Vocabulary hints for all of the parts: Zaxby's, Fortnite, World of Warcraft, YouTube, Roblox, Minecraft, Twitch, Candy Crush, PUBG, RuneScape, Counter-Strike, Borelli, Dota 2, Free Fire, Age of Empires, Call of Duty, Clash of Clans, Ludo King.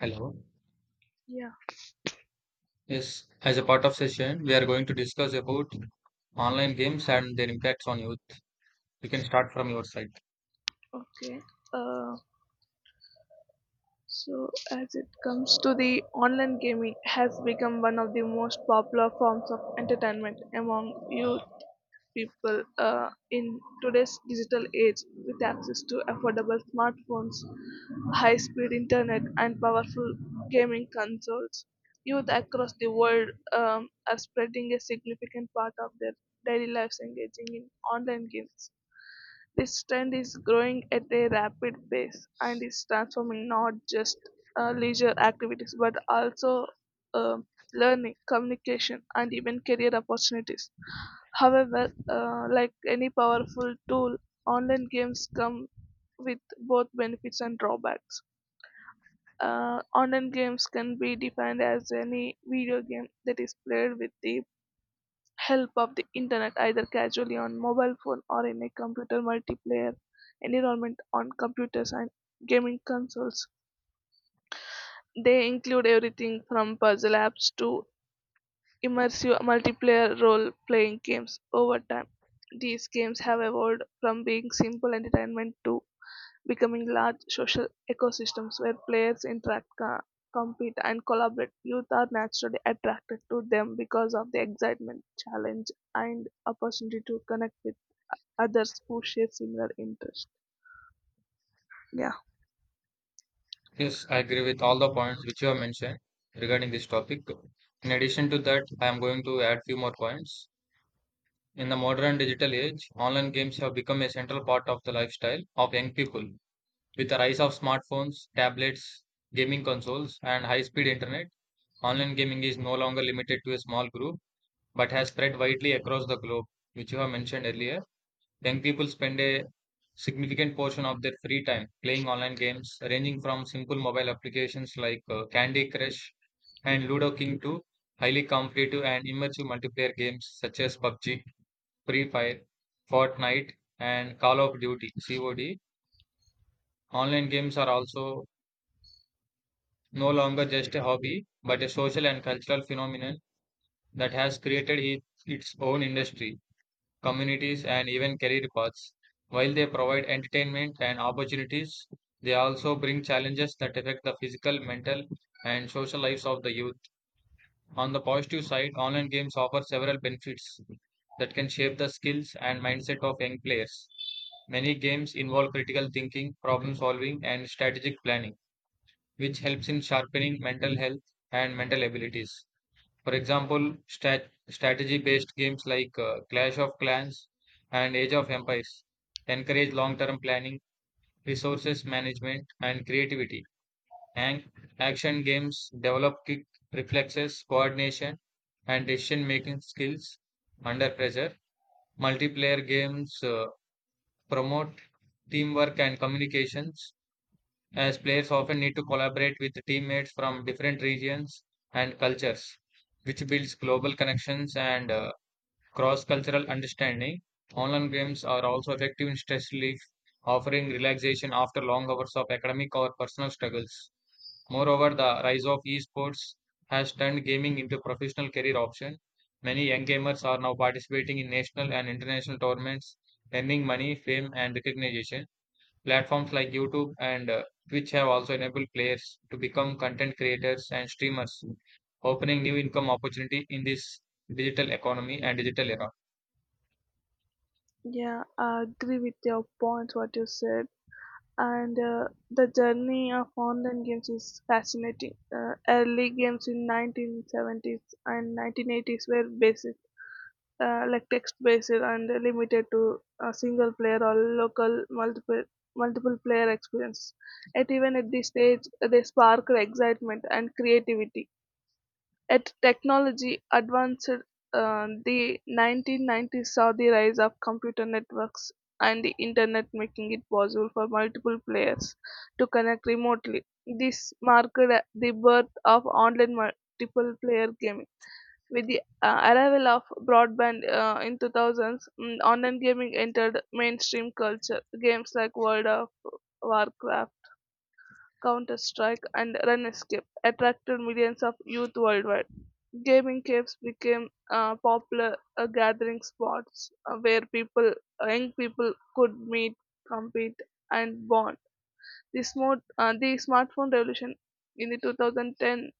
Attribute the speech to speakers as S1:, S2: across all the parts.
S1: Hello.
S2: Yeah,
S1: Yes, as a part of session, we are going to discuss about online games and their impacts on youth. You can start from your side.
S2: okay. Uh, so as it comes to the online gaming has become one of the most popular forms of entertainment among youth people in today's digital age with access to affordable smartphones, high-speed internet and powerful gaming consoles. Youth across the world are spreading a significant part of their daily lives engaging in online games. This trend is growing at a rapid pace and is transforming not just leisure activities but also uh, learning, communication, and even career opportunities. However, like any powerful tool, online games come with both benefits and drawbacks. Online games can be defined as any video game that is played with the help of the internet either casually on mobile phone or in a computer multiplayer environment on computers and gaming consoles. They include everything from puzzle apps to immersive multiplayer role playing games over time. These games have evolved from being simple entertainment to becoming large social ecosystems where players interact, compete, and collaborate. Youth are naturally attracted to them because of the excitement, challenge, and opportunity to connect with others who share similar interests. Yeah,
S1: Yes, I agree with all the points which you have mentioned regarding this topic. In addition to that, I am going to add few more points. In the modern digital age, online games have become a central part of the lifestyle of young people. With the rise of smartphones, tablets, gaming consoles, and high-speed internet, online gaming is no longer limited to a small group but has spread widely across the globe, which you have mentioned earlier. Young people spend a significant portion of their free time playing online games, ranging from simple mobile applications like Candy Crush and Ludo King to highly competitive and immersive multiplayer games such as PUBG, Free Fire, Fortnite, and Call of Duty (COD). Online games are also no longer just a hobby, but a social and cultural phenomenon that has created its own industry communities, and even career paths. While they provide entertainment and opportunities, they also bring challenges that affect the physical, mental, and social lives of the youth. On the positive side, online games offer several benefits that can shape the skills and mindset of young players. Many games involve critical thinking, problem solving, and strategic planning, which helps in sharpening mental health and mental abilities. For example, stat strategy-based games like Clash of Clans and Age of Empires encourage long-term planning, resources management, and creativity. And action games develop quick reflexes, coordination, and decision-making skills under pressure. Multiplayer games promote teamwork and communications, as players often need to collaborate with teammates from different regions and cultures, which builds global connections and cross cultural understanding. Online games are also effective in stress relief, offering relaxation after long hours of academic or personal struggles. Moreover, the rise of esports has turned gaming into a professional career option. Many young gamers are now participating in national and international tournaments, earning money, fame, and recognition. Platforms like YouTube and Twitch have also enabled players to become content creators and streamers, opening new income opportunity in this digital economy and digital era.
S2: yeah, I agree with your points, what you said. And the journey of online games is fascinating. Early games in 1970s and 1980s were basic, like text-based and limited to a single player or local multiple player experience. Yet even at this stage, they sparked excitement and creativity. At technology advanced, 1990s saw the rise of computer networks and the internet, making it possible for multiple players to connect remotely. This marked the birth of online multiple player gaming. With the arrival of broadband in 2000s, online gaming entered mainstream culture. Games like World of Warcraft, Counter-Strike, and RuneScape attracted millions of youth worldwide. Gaming caves became popular gathering spots where people, young people, could meet, compete, and bond. The smartphone revolution in the 2010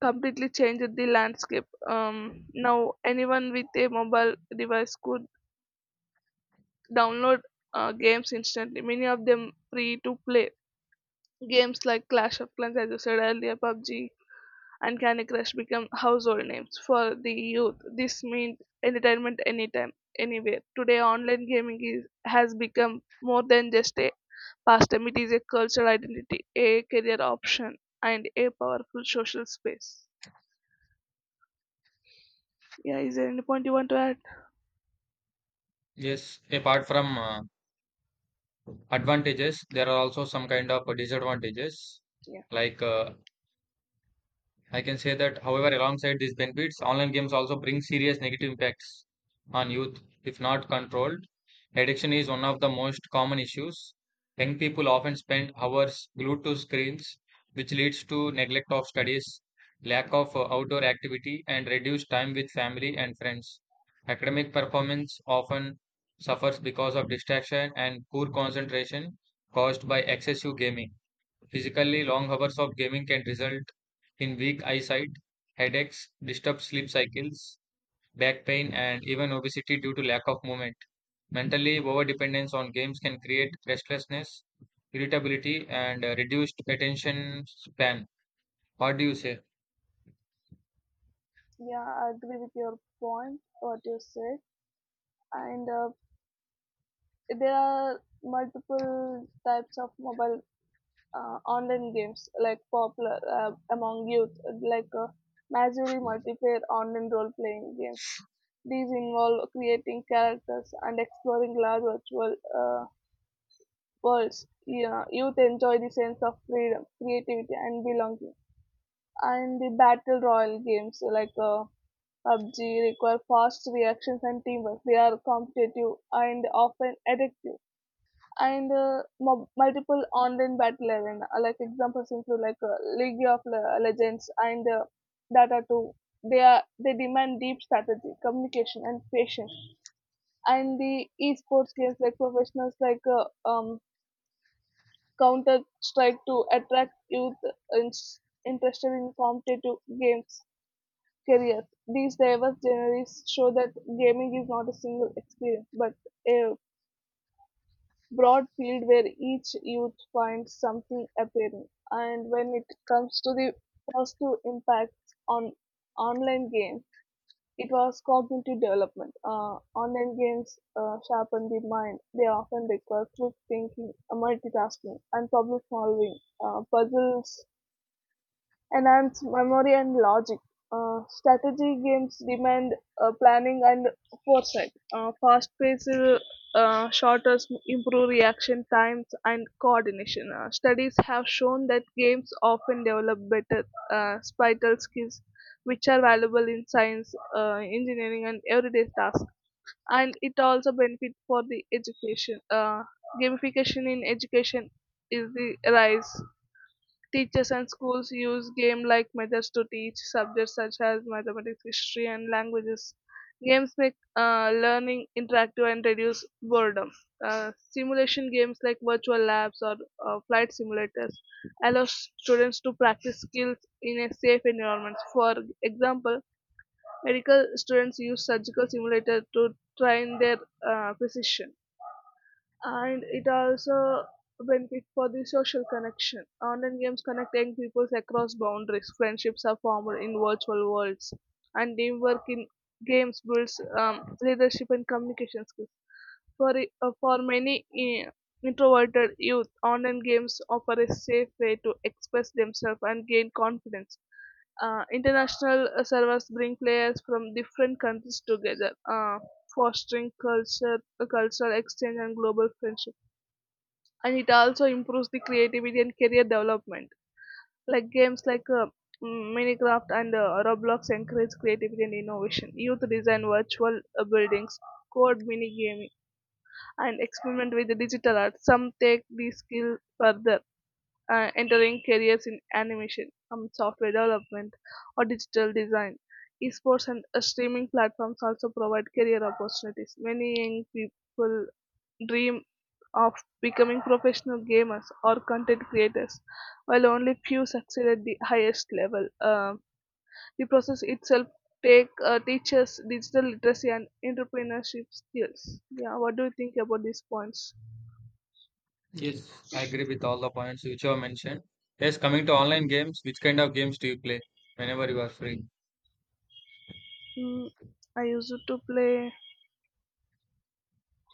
S2: completely changed the landscape. Now, anyone with a mobile device could download games instantly, many of them free to play. Games like Clash of Clans, as you said earlier, PUBG, and Candy Crush become household names for the youth. This means entertainment anytime, anywhere. Today, online gaming is, has become more than just a pastime, it is a cultural identity, a career option, and a powerful social space. Yeah, is there any point you want to add?
S1: Yes, apart from advantages, there are also some kind of disadvantages. Like I can say that, however, alongside these benefits, online games also bring serious negative impacts on youth if not controlled. Addiction is one of the most common issues. Young people often spend hours glued to screens, which leads to neglect of studies, lack of outdoor activity, and reduced time with family and friends. Academic performance often suffers because of distraction and poor concentration caused by excessive gaming. Physically, long hours of gaming can result in weak eyesight, headaches, disturbed sleep cycles, back pain, and even obesity due to lack of movement. Mentally, overdependence on games can create restlessness, irritability, and reduced attention span. What do you say?
S2: Yeah, I agree with your point, what you said. And there are multiple types of mobile online games like popular among youth like massively multiplayer online role playing games. These involve creating characters and exploring large virtual worlds. Yeah, youth enjoy the sense of freedom, creativity and belonging. And the battle royal games like PUBG require fast reactions and teamwork. They are competitive and often addictive. Multiple online battle arena. Like examples include like League of Legends and Dota 2. They demand deep strategy, communication, and patience. And the esports games like professionals like Counter Strike to attract youth in- interested in competitive games careers. These diverse genres show that gaming is not a single experience but a broad field where each youth finds something appealing. And when it comes to the positive impacts on online games, it was cognitive development. Online games sharpen the mind. They often require quick thinking, multitasking, and problem solving. Puzzles enhance memory and logic. Strategy games demand planning and foresight. Fast paced shooters improve reaction times and coordination. Studies have shown that games often develop better spatial skills, which are valuable in science, engineering, and everyday tasks. And it also benefit for the education. Gamification in education is the rise. Teachers and schools use game-like methods to teach subjects such as mathematics, history, and languages. Games make learning interactive and reduce boredom. Simulation games like virtual labs or flight simulators allow students to practice skills in a safe environment. For example, medical students use surgical simulator to train their precision. And it also benefit for the social connection. Online games connect young people across boundaries. Friendships are formed in virtual worlds, and teamwork in games builds leadership and communication skills. For many introverted youth, online games offer a safe way to express themselves and gain confidence. International servers bring players from different countries together, fostering culture, cultural exchange, and global friendship. And it also improves the creativity and career development, like games like minecraft and roblox encourage creativity and innovation. Youth design virtual buildings, code mini gaming, and experiment with the digital art. Some take the skill further, entering careers in animation, software development, or digital design. Esports and streaming platforms also provide career opportunities. Many young people dream of becoming professional gamers or content creators, while only few succeed at the highest level. The process itself take teaches digital literacy and entrepreneurship skills. Yeah, what do you think about these points?
S1: Yes, I agree with all the points which you have mentioned. Yes, coming to online games, which kind of games do you play whenever you are free?
S2: Mm, I used to play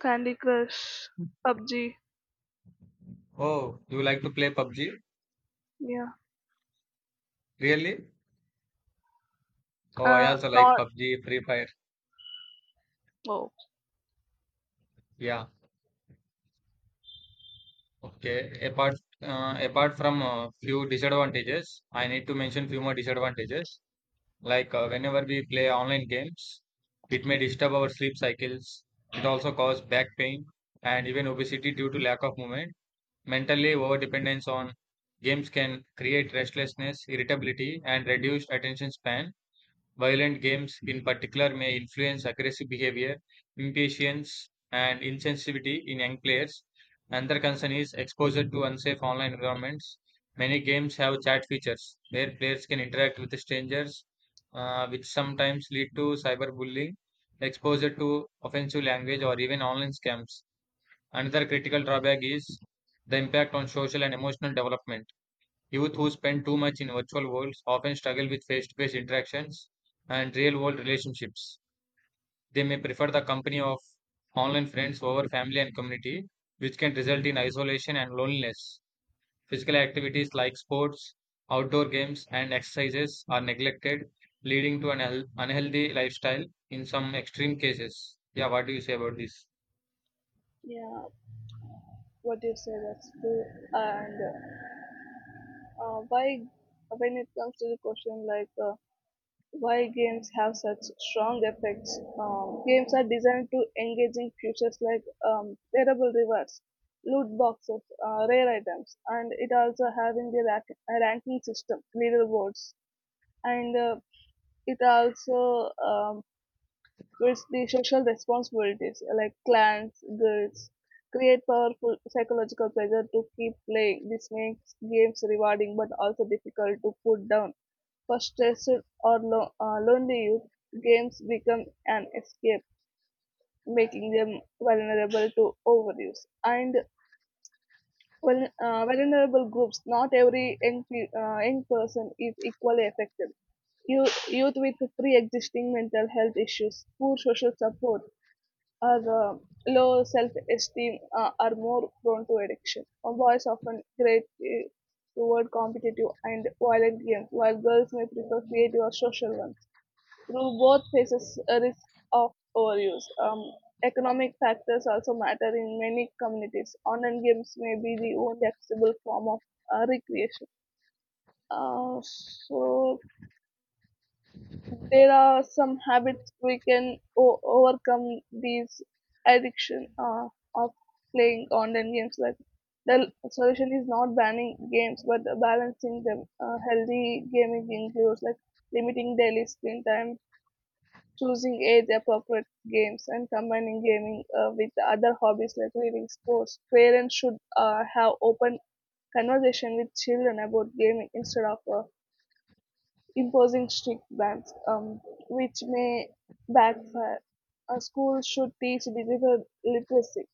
S2: Candy Crush, PUBG.
S1: Oh, you like to play PUBG?
S2: Yeah,
S1: Really? Oh, I also like
S2: not
S1: PUBG, Free Fire.
S2: oh
S1: Yeah. Okay, apart from few disadvantages, I need to mention few more disadvantages. Like whenever we play online games, it may disturb our sleep cycles. It also cause back pain and even obesity due to lack of movement. Mentally, over dependence on games can create restlessness, irritability, and reduced attention span. Violent games, in particular, may influence aggressive behavior, impatience, and insensitivity in young players. Another concern is exposure to unsafe online environments. Many games have chat features where players can interact with strangers, which sometimes lead to cyberbullying, exposure to offensive language, or even online scams. Another critical drawback is the impact on social and emotional development. Youth who spend too much in virtual worlds often struggle with face to face interactions and real world relationships. They may prefer the company of online friends over family and community, which can result in isolation and loneliness. Physical activities like sports, outdoor games, and exercises are neglected, leading to an unhealthy lifestyle in some extreme cases. Yeah, what do you say about this?
S2: yeah. What you say that's true. And why when it comes to the question, like. Why games have such strong effects. Games are designed to engaging features like wearable rewards, loot boxes, rare items, and it also having a ranking system, leaderboards, and it also guilds, the social responsibilities like clans, guilds, create powerful psychological pressure to keep playing. This makes games rewarding but also difficult to put down. For stressed or lonely youth, games become an escape, making them vulnerable to overuse. And well, vulnerable groups, not every young person is equally affected. Youth with pre-existing mental health issues, poor social support, or low self-esteem are more prone to addiction. Boys often gravitate toward competitive and violent games, while girls may prefer creative or social ones. Through both faces a risk of overuse. Economic factors also matter in many communities. Online games may be the only accessible form of recreation. So there are some habits we can overcome these addiction of playing online games. Like solution is not banning games, but balancing them. Healthy gaming includes like limiting daily screen time, choosing age-appropriate games, and combining gaming with other hobbies like reading, sports. Parents should have open conversation with children about gaming instead of imposing strict bans, which may backfire. Schools should teach digital literacy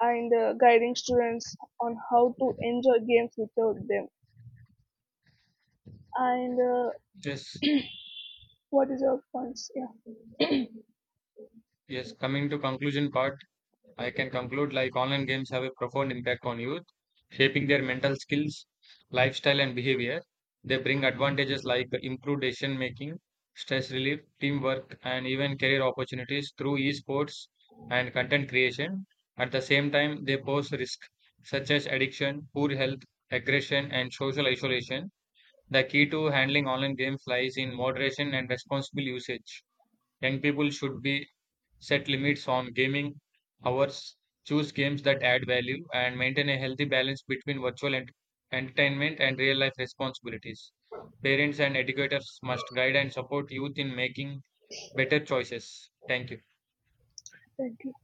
S2: and guiding students on how to enjoy games without them. And
S1: Yes,
S2: What is your points? Yeah,
S1: yes, coming to conclusion part. I can conclude like online games have a profound impact on youth, shaping their mental skills, lifestyle, and behavior. They bring advantages like improved decision making, stress relief, teamwork, and even career opportunities through esports and content creation. At the same time, they pose risks such as addiction, poor health, aggression, and social isolation. The key to handling online games lies in moderation and responsible usage. Young people should be set limits on gaming hours, choose games that add value, and maintain a healthy balance between entertainment and real life responsibilities. Parents and educators must guide and support youth in making better choices. Thank you.
S2: thank you.